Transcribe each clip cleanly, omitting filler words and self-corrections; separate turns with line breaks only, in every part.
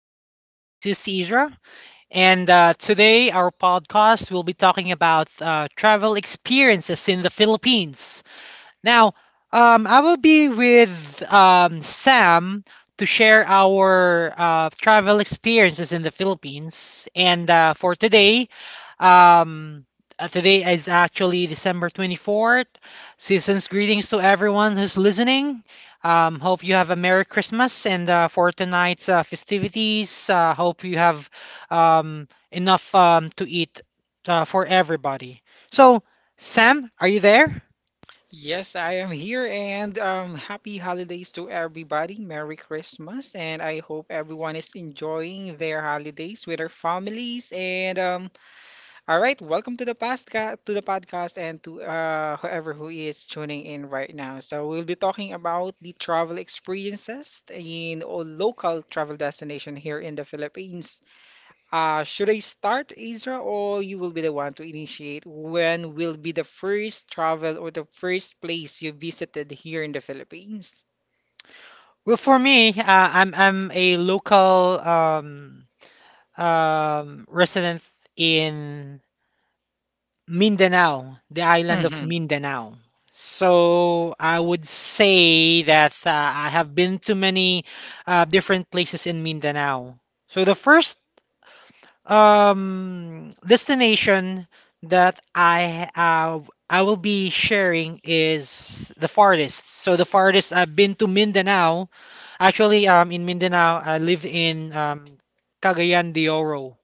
Philippines. This is Isra, and today our podcast will be talking about travel experiences in the Philippines. Now, I will be with Sam to share our travel experiences in the Philippines. And for today, um, today is actually December 24th. Season's greetings to everyone who's listening. Hope you have a Merry Christmas. And for tonight's festivities, hope you have enough to eat for everybody. So, Sam, are you there?
Yes, I am here, and happy holidays to everybody. Merry Christmas, and I hope everyone is enjoying their holidays with their families. And All right, welcome to the podcast, and to whoever who is tuning in right now. So we'll be talking about the travel experiences in all local travel destination here in the Philippines. Should I start, Ezra, or you will be the one to initiate? When will be the first travel or the first place you visited here in the Philippines?
Well, for me, I'm a local resident in Mindanao, the island of
Mm-hmm.
Mindanao. So I would say that I have been to many different places in Mindanao. So the first destination that I will be sharing is the farthest. So the farthest I've been to Mindanao. Actually, in Mindanao, I live in Cagayan de Oro,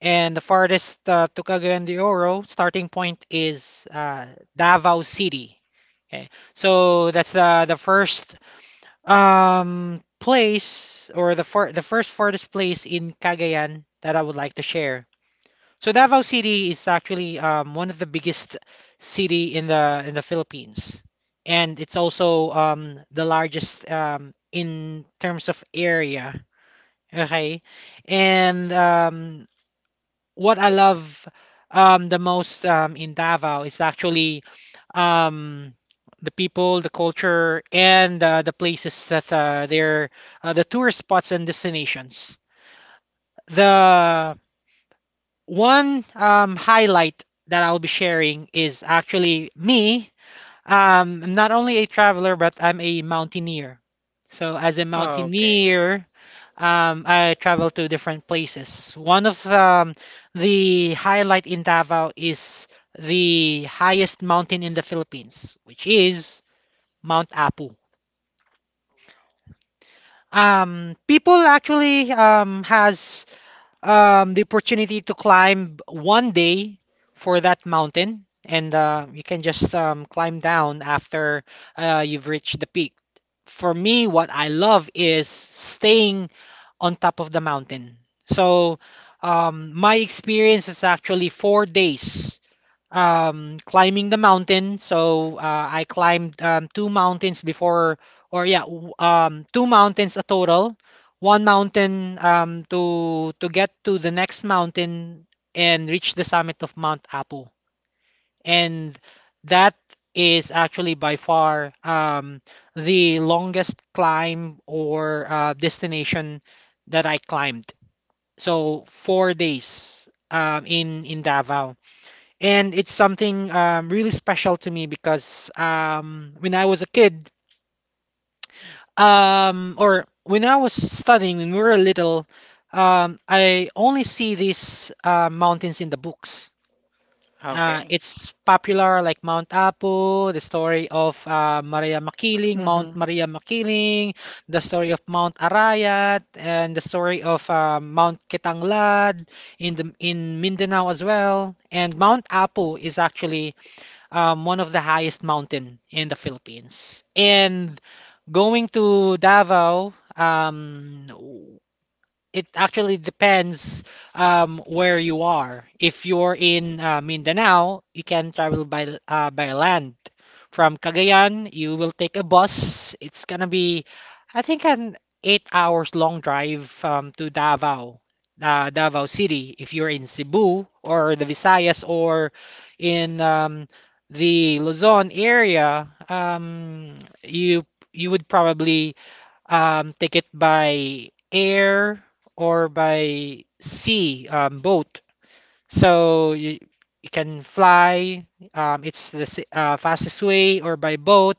and the farthest to Cagayan de Oro starting point is Davao City. Okay, so that's the first place, or the first farthest place in Cagayan that I would like to share. So Davao City is actually one of the biggest city in the Philippines, and it's also the largest in terms of area. Okay. And what I love the most in Davao is actually um, the people, the culture, and the places, that they're the tourist spots and destinations. The one highlight that I'll be sharing is actually me. I'm not only a traveler, but I'm a mountaineer. So as a
Okay.
mountaineer, I travel to different places. One of the highlight in Davao is the highest mountain in the Philippines, which is Mount Apu. People actually has the opportunity to climb one day for that mountain, and you can just climb down after you've reached the peak. For me, what I love is staying on top of the mountain. So my experience is actually 4 days climbing the mountain. So I climbed two mountains before, or yeah, two mountains a total. One mountain to get to the next mountain and reach the summit of Mount Apu. And that is actually by far the longest climb or destination that I climbed. So 4 days in Davao, and it's something really special to me because when I was a kid, or when I was studying, when we were little, I only see these mountains in the books.
Okay.
It's popular, like Mount Apo, the story of Maria Makiling, Mount
Mm-hmm.
Maria Makiling, the story of Mount Arayat, and the story of Mount Kitanglad in the in Mindanao as well. And Mount Apo is actually one of the highest mountain in the Philippines. And going to Davao, it actually depends where you are. If you're in Mindanao, you can travel by by land. From Cagayan, you will take a bus. It's gonna be, I think, an 8 hours long drive to Davao, Davao City. If you're in Cebu or the Visayas or in the Luzon area, you you would probably take it by air or by sea, boat. So you can fly. It's the fastest way, or by boat.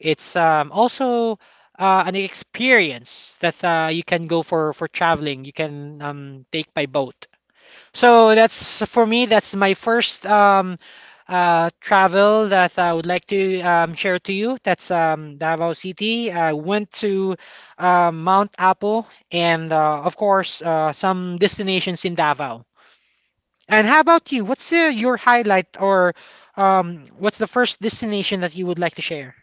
It's also an experience that you can go for traveling. You can take by boat. So that's for me. That's my first travel that I would like to share to you. That's Davao City. I went to Mount Apo and, of course, some destinations in Davao. And how about you? What's your highlight, or what's the first destination that you would like to share?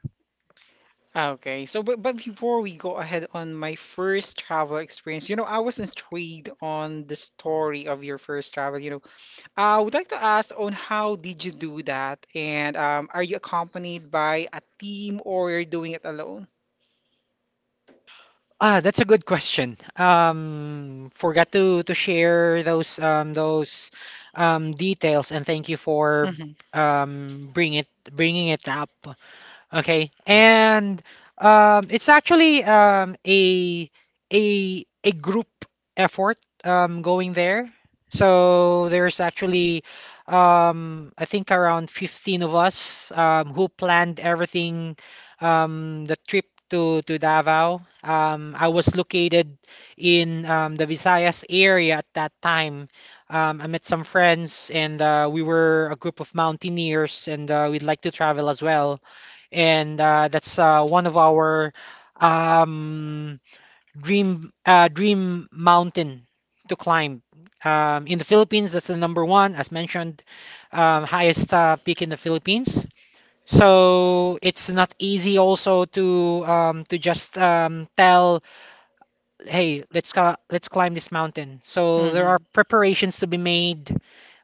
Okay, so but before we go ahead on my first travel experience, you know, I was intrigued on the story of your first travel. You know, I would like to ask on how did you do that, and are you accompanied by a team or you're doing it alone?
Ah, that's a good question. Forgot to share those details, and thank you for
Mm-hmm.
um bring it bringing it up. Okay, and it's actually a group effort going there. So there's actually I think around 15 of us who planned everything, the trip to Davao. I was located in the Visayas area at that time. I met some friends and we were a group of mountaineers, and we'd like to travel as well, and that's one of our um, dream, dream mountain to climb. In the Philippines, that's the number one, as mentioned, highest peak in the Philippines. So it's not easy also to just tell, hey, let's climb this mountain. So there
Mm-hmm.
are preparations to be made,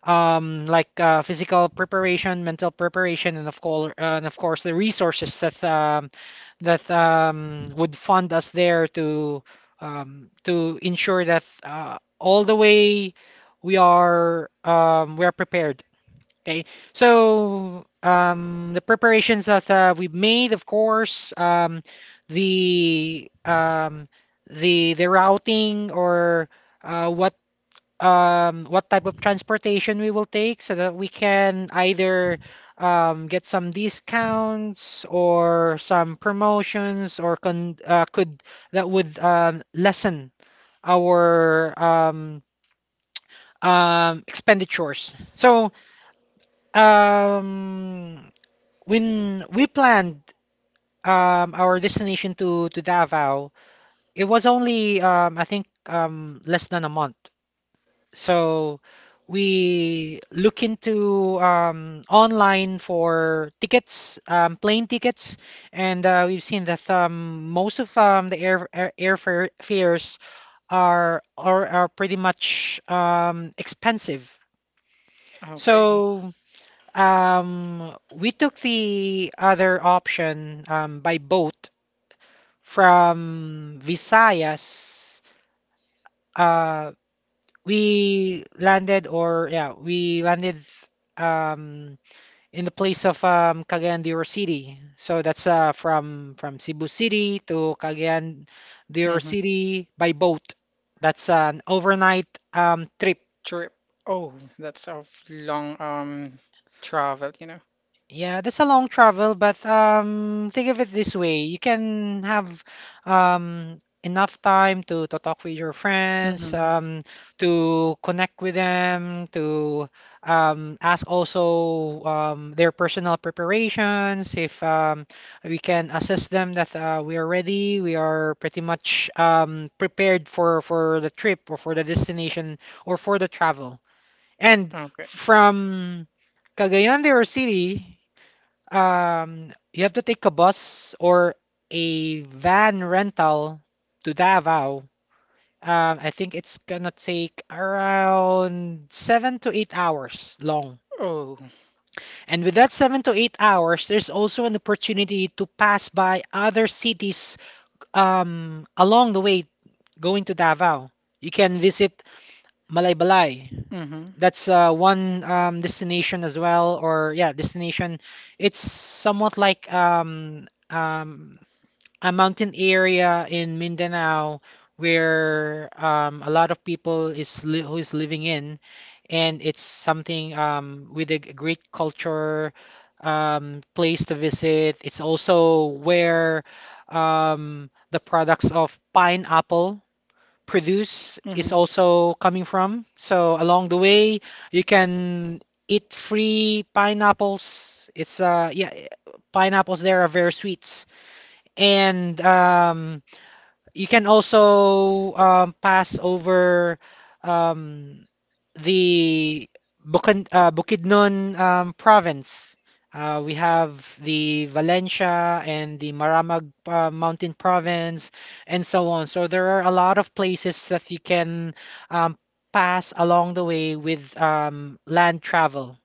like physical preparation, mental preparation, and of course, the resources that would fund us there to ensure that all the way we are prepared. Okay, so the preparations that we've made, of course, the um, the routing, or uh, what what type of transportation we will take so that we can either get some discounts or some promotions, or con could that would lessen our expenditures. So um, when we planned our destination to Davao, it was only I think less than a month. So we look into online for tickets, plane tickets, and we've seen that most of the air, air airfare fares are pretty much expensive.
Okay.
So we took the other option, by boat, from Visayas. Uh, we landed, or yeah, we landed um in the place of Cagayan de Oro City. So that's from Cebu City to Cagayan de Oro
Mm-hmm.
City by boat. That's an overnight trip.
Trip. Oh, that's a long travel, you know.
Yeah, that's a long travel, but think of it this way. You can have enough time to talk with your friends,
Mm-hmm.
to connect with them, to ask also their personal preparations, if we can assist them, that we are ready, we are pretty much prepared for the trip, or for the destination, or for the travel. And
Okay.
from Cagayan de Oro City, you have to take a bus or a van rental to Davao. I think it's gonna take around 7 to 8 hours long.
Oh.
And with that 7 to 8 hours, there's also an opportunity to pass by other cities along the way going to Davao. You can visit Malaybalay.
Mm-hmm.
That's one destination as well, or yeah, destination. It's somewhat like a mountain area in Mindanao, where a lot of people is li who is living in, and it's something with a great culture place to visit. It's also where the products of pineapple produce is also coming from. So along the
Mm-hmm.
way, you can eat free pineapples. It's pineapples there are very sweets. And you can also pass over um, the Bukidnon province. We have the Valencia and the Maramag Mountain province, and so on. So there are a lot of places that you can um, pass along the way with land travel.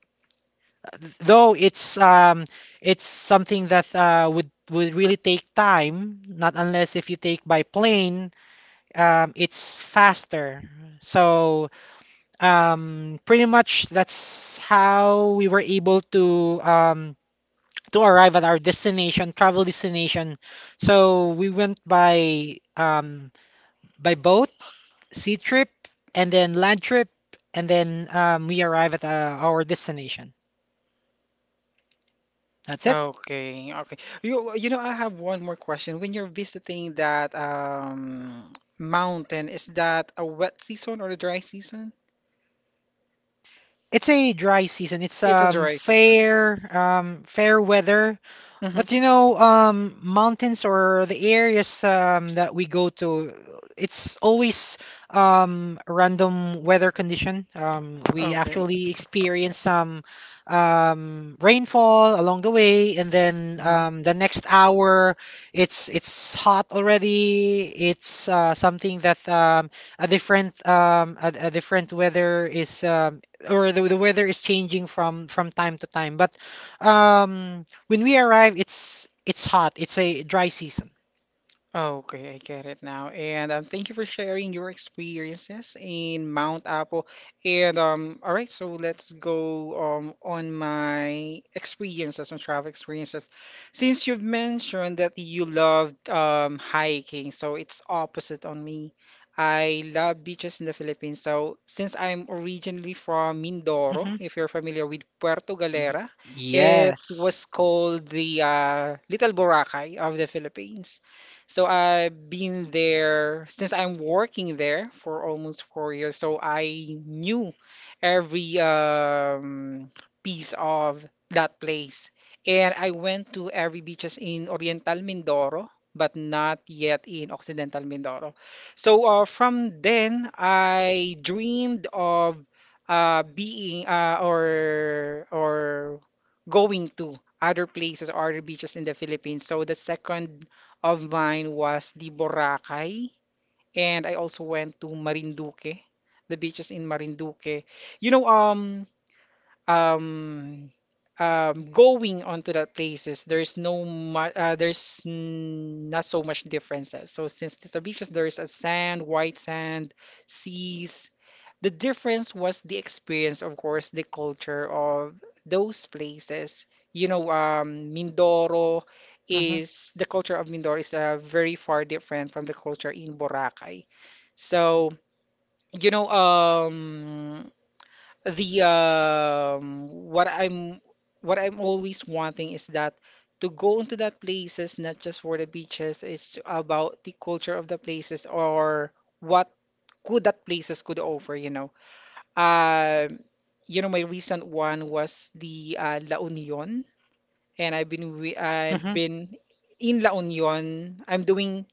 Though it's something that would really take time, not unless if you take by plane, it's faster. So pretty much that's how we were able to arrive at our destination, travel destination. So we went by boat, sea trip, and then land trip, and then we arrive at our destination. That's it.
Okay, okay. You know, I have one more question. When you're visiting that mountain, is that a wet season or a dry season?
It's a dry season. It's
It's a dry season.
fair weather.
Mm-hmm.
But you know,
Okay.
mountains or the areas that we go to, it's always random weather condition. We actually experience some rainfall along the way, and then the
Mhm.
next hour, it's hot already. It's something that a different weather is or the weather is changing from time to time. But um, when we arrive, it's hot. It's a dry season.
Okay, I get it now. And thank you for sharing your experiences in Mount Apo. And All right, so let's go on my experiences, my travel experiences. Since you've mentioned that you loved hiking, so it's opposite on me. I love beaches in the Philippines. So since I'm originally from Mindoro,
Hmm.
if you're familiar with Puerto Galera, it was
Yes.
called the Little Boracay of the Philippines. So I've been there since I'm working there for almost 4 years. So I knew every piece of that place. And I went to every beaches in Oriental Mindoro, but not yet in Occidental Mindoro. So from then, I dreamed of being or going to other places or other beaches in the Philippines. So the second of mine was the Boracay, and I also went to Marinduque, the beaches in Marinduque. You know, um going onto that places, there's no there's not so much differences. So since these are beaches, there's a sand, white sand, seas. The difference was the experience, of course, the culture of those places, you know. Mindoro,
Hmm.
is the culture of Mindoro is very far different from the culture in Boracay. So you know, the what I'm always wanting is that to go into that places, not just for the beaches, it's about the culture of the places, or what could that places could offer, you know. um you know, my recent one was the La Union, and I've been I've
Hmm.
been in La Union. I'm doing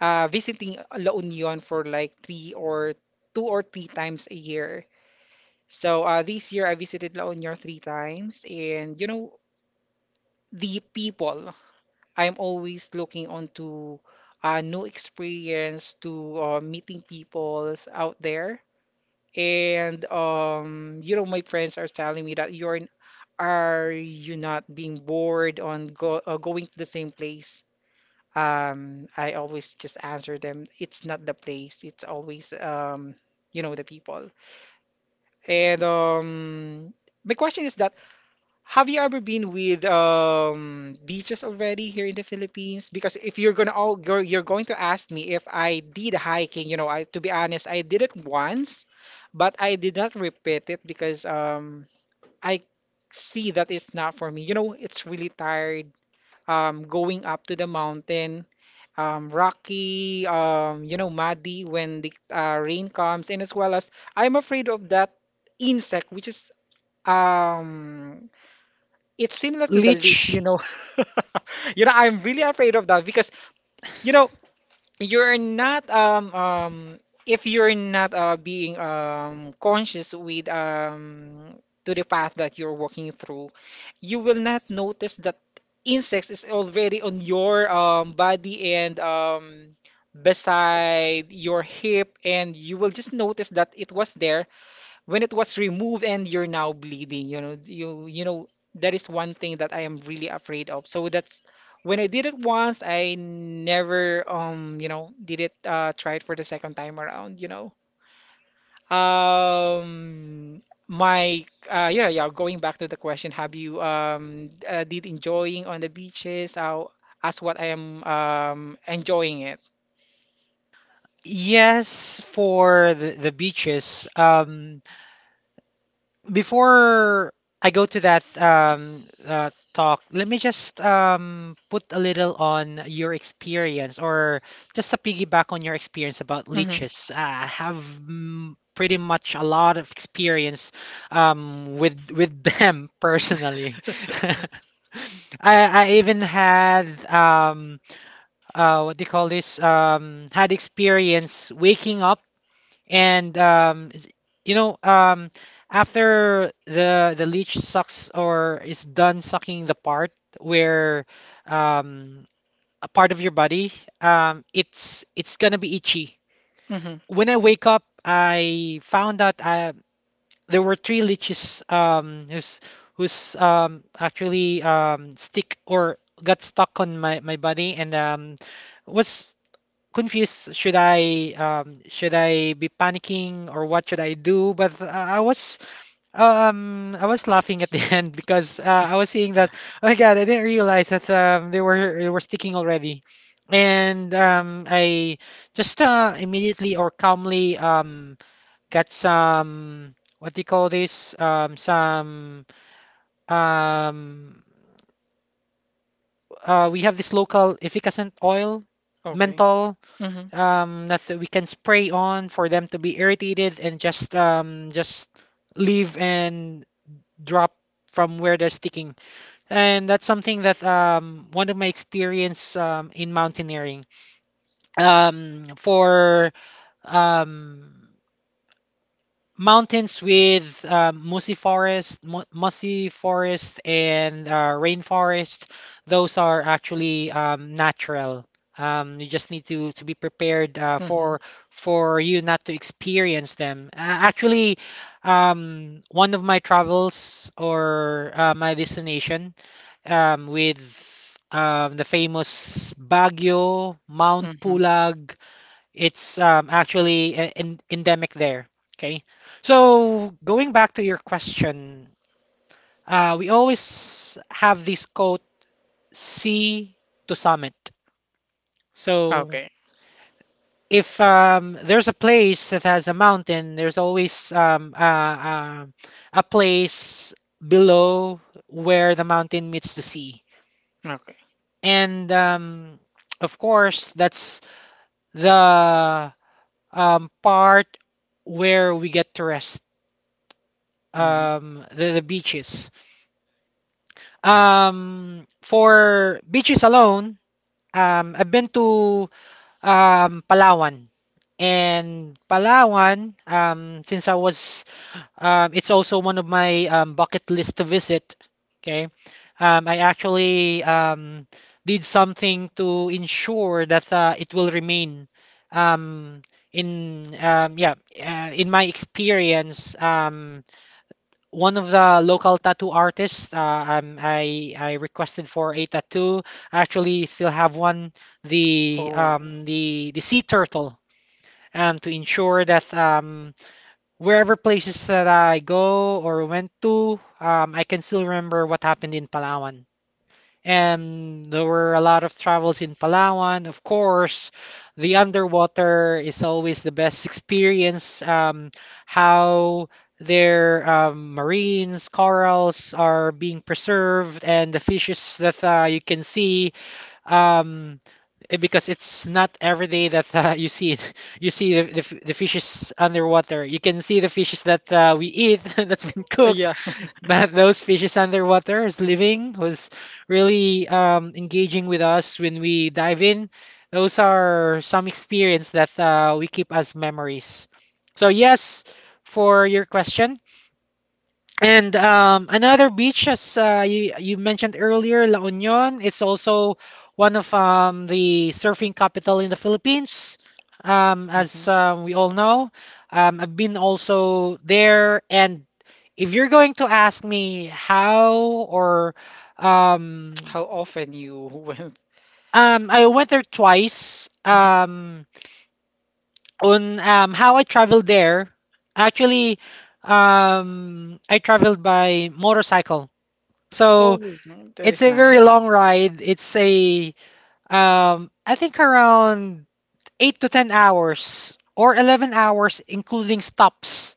visiting La Union for like three or two or 3 times a year. So this year I visited La Union 3 times, and you know, the people. I'm always looking onto new experience, to meeting people out there, and you know, my friends are telling me that you're, are you not being bored on going to the same place? I always just answer them, it's not the place, it's always you know, the people. And my question is that, have you ever been with beaches already here in the Philippines? Because if you're gonna all go, you're going to ask me if I did hiking, you know, I, to be honest, I did it once, but I did not repeat it because I see that it's not for me. You know, it's really tired going up to the mountain. Rocky, you know, muddy when the rain comes, and as well as I'm afraid of that insect, which is um it's similar to the
Leech.
leech, you know. You know, I'm really afraid of that because, you know, you're not if you're not being conscious with to the path that you're walking through, you will not notice that insects is already on your body and beside your hip, and you will just notice that it was there when it was removed and you're now bleeding. You know, you know, that is one thing that I am really afraid of. So that's, when I did it once, I never you know, did it try it for the second time around, you know. um my yeah, yeah, going back to the question, have you did enjoying on the beaches as what I am enjoying it?
Yes, for the beaches. Before I go to that talk, let me just put a little on your experience, or just to piggyback on your experience about
Mm-hmm.
leeches. I have pretty much a lot of experience with them personally. I even had what do you call this? Had experience waking up and you know, um, after the leech sucks, or is done sucking the part where um, a part of your body, it's gonna be itchy.
Mm-hmm.
When I wake up, I found out there were three leeches, who's who's actually stick or got stuck on my my body and was confused. Should I be panicking, or what should I do? But I was laughing at the end because I was seeing that, oh my God, I didn't realize that they were sticking already. And I just immediately or calmly got some, what do you call this? Some um we have this local efficacent oil,
Okay.
menthol,
Mm-hmm.
that we can spray on for them to be irritated and just leave and drop from where they're sticking. And that's something that one of my experience in mountaineering. For um mountains with mossy forest, mossy forest, and rainforest. Those are actually natural. You just need to be prepared
Mm-hmm.
for you not to experience them. Actually, one of my travels or my destination, with the famous Baguio, Mount
Mm-hmm.
Pulag. It's actually endemic there. Okay. So going back to your question, we always have this quote, sea to summit. So
Okay.
if there's a place that has a mountain, there's always, a place below where the mountain meets the sea.
Okay.
And of course, that's the part where we get to rest,
Hmm.
the beaches. For beaches alone, I've been to Palawan. And Palawan, since I was, it's also one of my bucket list to visit. Okay. I actually did something to ensure that it will remain um in yeah, in my experience, one of the local tattoo artists. I requested for a tattoo. I actually still have one, the
Oh.
the sea turtle. To ensure that wherever places that I go or went to, I can still remember what happened in Palawan. And there were a lot of travels in Palawan. Of course, the underwater is always the best experience. How their marines, corals are being preserved, and the fishes that you can see. Um, because it's not every day that you see it. You see the, the fishes underwater. You can see the fishes that we eat that's been
Yeah.
cooked. But those fishes underwater is living, who's really engaging with us when we dive in. Those are some experience that we keep as memories. So yes, for your question, and another beach, as you mentioned earlier, La Union, it's also one of the surfing capital in the Philippines.
Mhm.
As we all know, I've been also there. And if you're going to ask me how or um,
How often you went?
I went there twice.
Mhm.
On how I traveled there, actually, I traveled by motorcycle. So
Oh, mm, that
it's
is
a very
nice.
long ride. It's a I think around 8 to 10 hours or 11 hours, including stops,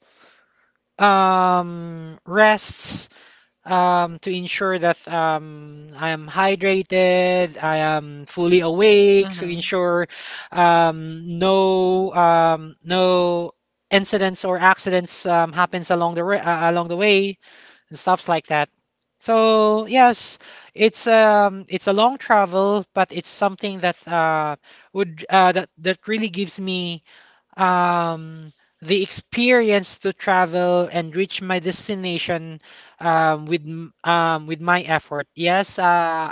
rests, to ensure that I am
Mhm.
hydrated, I am fully awake, to ensure no incidents or accidents happens along the along the way and stuffs like that. So yes, it's a long travel, but it's something that would that that really gives me um the experience to travel and reach my destination with my effort. Yes,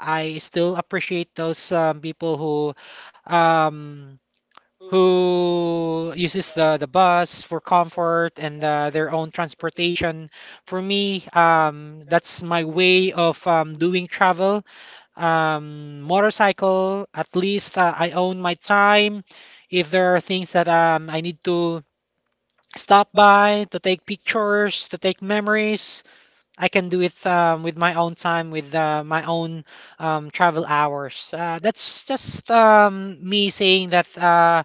I still appreciate those people um who uses the bus for comfort and their own transportation. For me, that's my way of doing travel. Motorcycle, at least I own my time. If there are things that I need to stop by to take pictures, to take memories, I can do it with my own time, with my own travel hours. That's just me saying that. Uh,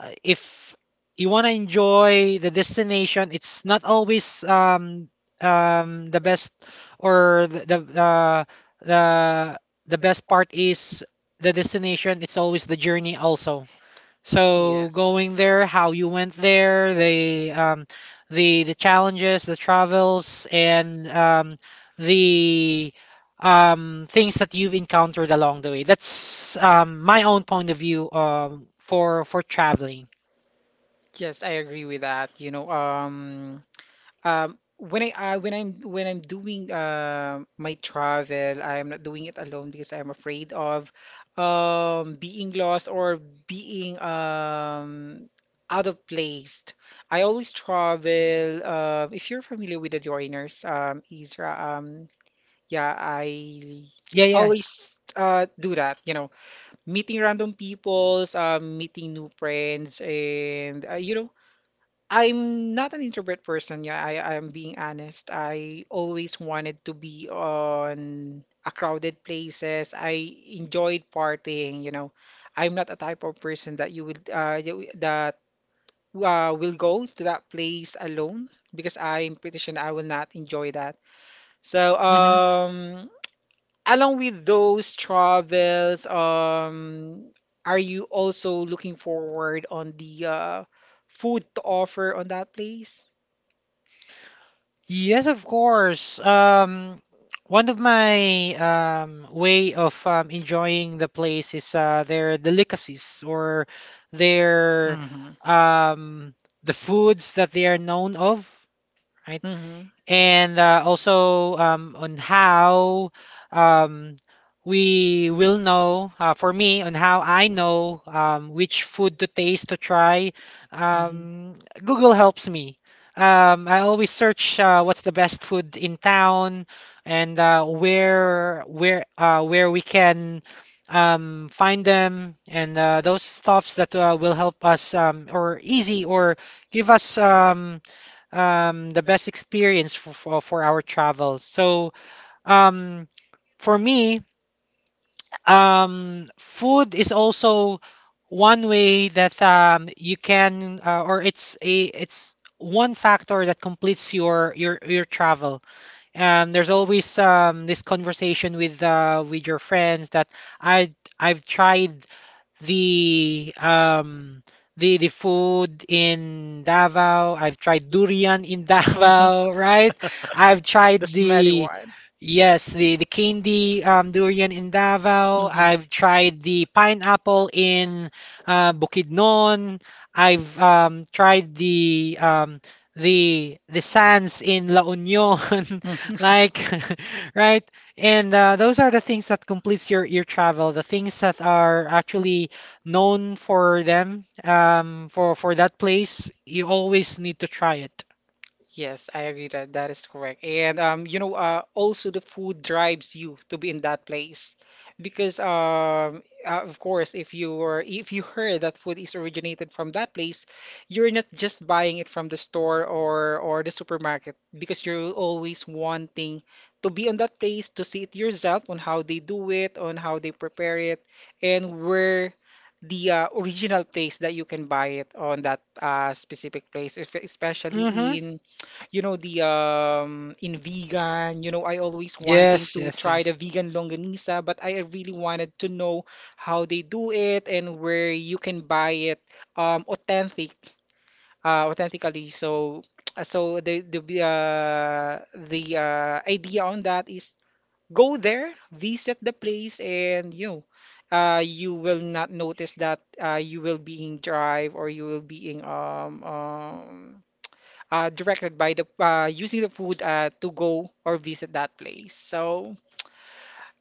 uh, If you want to enjoy the destination, it's not always, the best or the the best part is the destination. It's always the journey also. So
Yes.
going there, how you went there, the challenges, the travels, and the things that you've encountered along the way. That's my own point of view for traveling.
Yes, I agree with that. When I when I'm doing my travel, I'm not doing it alone because I'm afraid of being lost or being out of place. I always travel. If you're familiar with the joiners, Isra, yeah, I
Yeah, yeah.
always do that. You know, meeting random peoples, meeting new friends, and you know, I'm not an introvert person. Yeah, I'm being honest. I always wanted to be on a crowded places. I enjoyed partying, you know. I'm not a type of person that will go to that place alone, because I'm pretty sure I will not enjoy that. So
Hmm.
along with those travels, are you also looking forward on the food to offer on that place?
Yes, of course. One of my way of enjoying the place is their delicacies or their
Mm-hmm.
um, the foods that they are known of, right?
Mm-hmm.
And also on how um, we will know, for me, on how I know which food to taste to try. Um, Google helps me. I always search what's the best food in town and where we can find them, and those stuffs that will help us or easy or give us the best experience for our travel. So, um, for me, food is also one way that you can, or it's a, it's one factor that completes your travel. There's always this conversation with your friends that I I've tried the um the food in Davao. I've tried durian in Davao, right?
I
I've tried the,
one.
yes, the candy durian in Davao. I've tried the pineapple in Bukidnon. I've tried the sands in La Union,
Mm-hmm.
like, right? And those are the things that completes your travel, the things that are actually known for them, for that place, you always need to try it.
Yes, I agree that that is correct. And you know, also the food drives you to be in that place, because of course, if you were, if you heard that food is originated from that place, you're not just buying it from the store or the supermarket because you're always wanting to be on that place to see it yourself on how they do it, on how they prepare it, and where the original place that you can buy it on that specific place, if, mm-hmm, especially,
Mm-hmm.
mhm, in, you know, the in vegan, you know, I always wanting
Yes,
to
yes,
try the
yes.
vegan longanisa, but I really wanted to know how they do it and where you can buy it authentic authentically. So so the idea on that is, go there, visit the place, and you know, you will not notice that you will being drive, or you will being directed by the using the food to go or visit that place. So,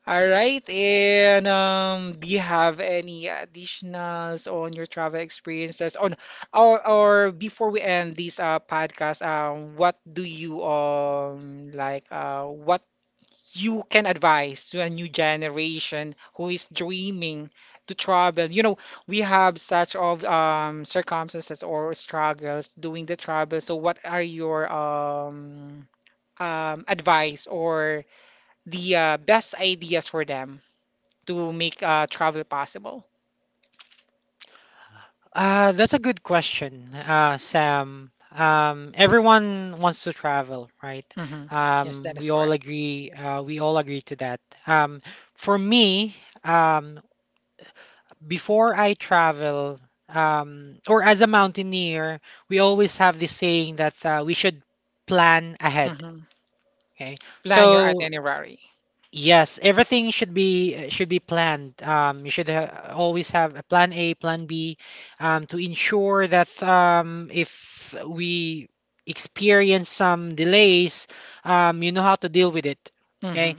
all right. And do you have any additionals on your travel experiences? On, or before we end this podcast, what do you like? What you can advise to a new generation who is dreaming to travel? You know, we have such of circumstances or struggles doing the travel. So what are your advice or the best ideas for them to make travel possible?
That's a good question, Sam. Everyone wants to travel, right?
Hmm. Yes, that is
We all
correct.
agree. We all agree to that. Um, for me, um, before I travel, or as a mountaineer, we always have this saying that we should plan ahead.
Mhm.
Okay,
Plan your
so
itinerary.
yes, everything should be planned. You should ha always have a plan A, plan B, to ensure that if we experience some delays, you know how to deal with it.
Hmm.
Okay,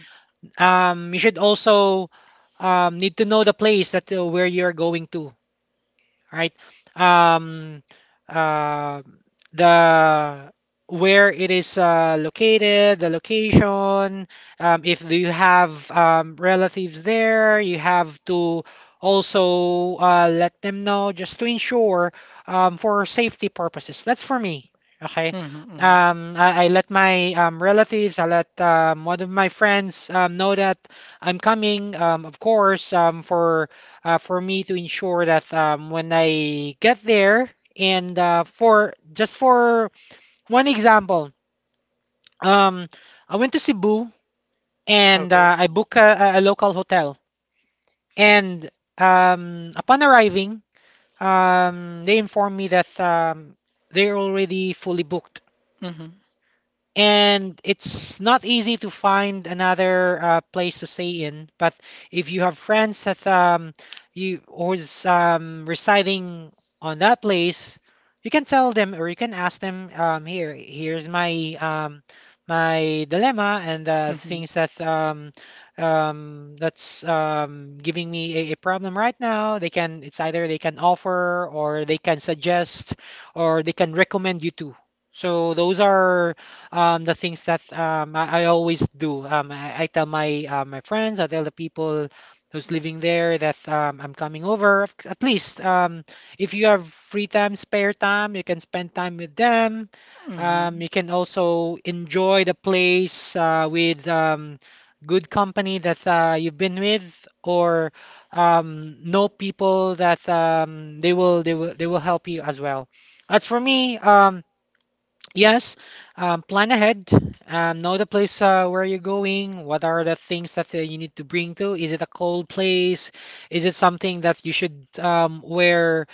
you should also need to know the place that where you're going to, right? Um, uh, the where it is located, the location, if you have relatives there, you have to also let them know just to ensure for safety purposes. That's for me, okay?
Hmm. Hmm.
I let my relatives, I let one of my friends know that I'm coming, of course, for me to ensure that when I get there, and for just for one example, um, I went to Cebu and
Okay.
I booked a local hotel. And upon arriving, they informed me that they're already fully booked.
Mm-hmm.
And it's not easy to find another place to stay in. But if you have friends that you who's residing on that place, you can tell them or you can ask them. Here's my my dilemma and the things that that's giving me a problem right now. They can. It's either they can offer or they can suggest or they can recommend you to. So those are the things that I always do. I tell my my friends, I tell the people who's living there that I'm coming over. At least if you have free time, spare time, you can spend time with them. You can also enjoy the place with good company that you've been with, or know people that they will they will help you as well. As for me, yeah, yes, plan ahead. Know the place where you're going. What are the things that you need to bring to? Is it a cold place? Is it something that you should wear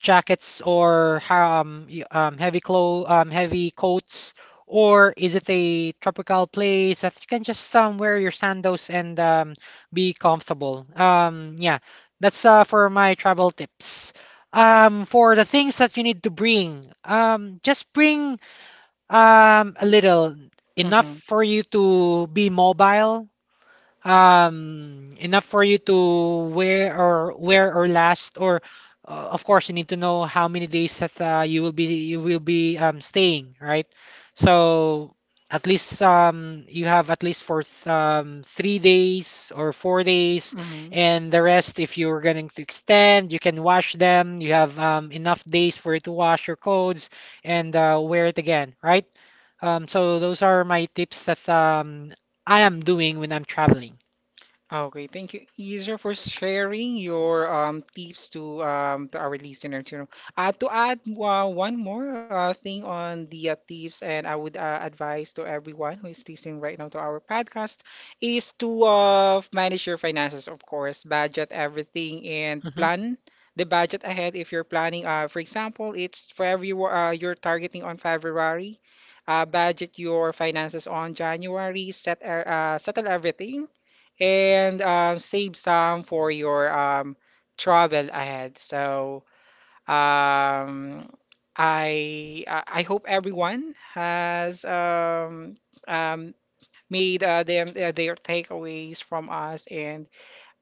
jackets or heavy clo heavy coats? Or is it a tropical place that you can just wear your sandals and be comfortable? Yeah, that's for my travel tips. For the things that you need to bring, just bring. A little. Enough for you to be mobile. Enough for you to wear or last. Or, of course, you need to know how many days that you will be staying, right? So at least you have at least for 3 days or 4 days, and the rest, if you're going to extend, you can wash them. You have enough days for you to wash your clothes and wear it again, right? So those are my tips that I am doing when I'm traveling.
Okay, thank you, Isa, for sharing your tips to our listeners. You know, to add one more thing on the tips, and I would advise to everyone who is listening right now to our podcast, is to manage your finances, of course, budget everything and
Mhm.
plan the budget ahead if you're planning. For example, it's for every you're targeting on February, budget your finances on January, settle everything and save some for your travel ahead. So um, I hope everyone has um, made them their takeaways from us, and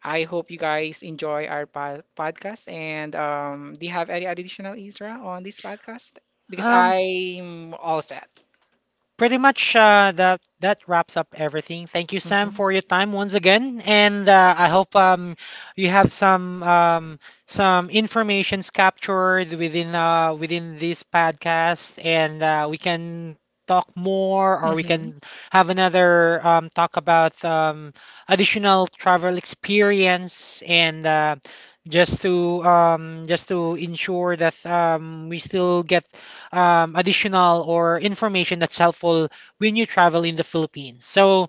I hope you guys enjoy our podcast. And do you have any additional, Isra, on this podcast? Because
Um,
I'm all set.
Pretty much that that wraps up everything. Thank you, Sam, for your
Mhm.
time once again, and I hope you have some informations captured within within this podcast, and we can talk more, or we
Mhm.
can have another talk about additional travel experience, and just to ensure that we still get additional or information that's helpful when you travel in the Philippines. So,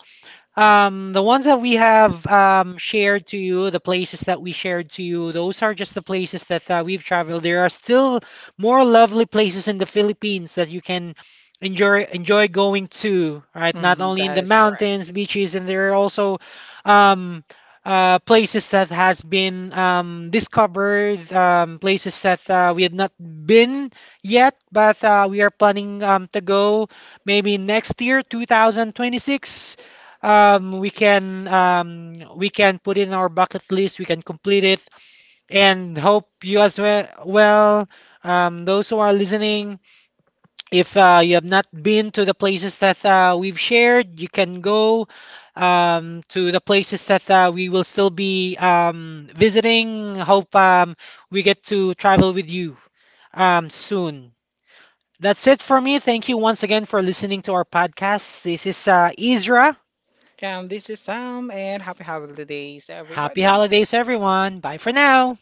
the ones that we have shared to you, the places that we shared to you, those are just the places that we've traveled. There are still more lovely places in the Philippines that you can enjoy going to, right? Not
Mhm.
only in
That
the
is correct.
mountains, beaches, and there are also um, places that has been discovered, places that we have not been yet, but we are planning to go maybe next year, 2026. We can we can put in our bucket list. We can complete it, and hope you as well. Well, those who are listening, if you have not been to the places that we've shared, you can go to the places that we will still be visiting. Hope we get to travel with you soon. That's it for me. Thank you once again for listening to our podcast. This is Ezra.
And this is Sam, and happy holidays,
Happy
everybody.
holidays, everyone. Bye for now.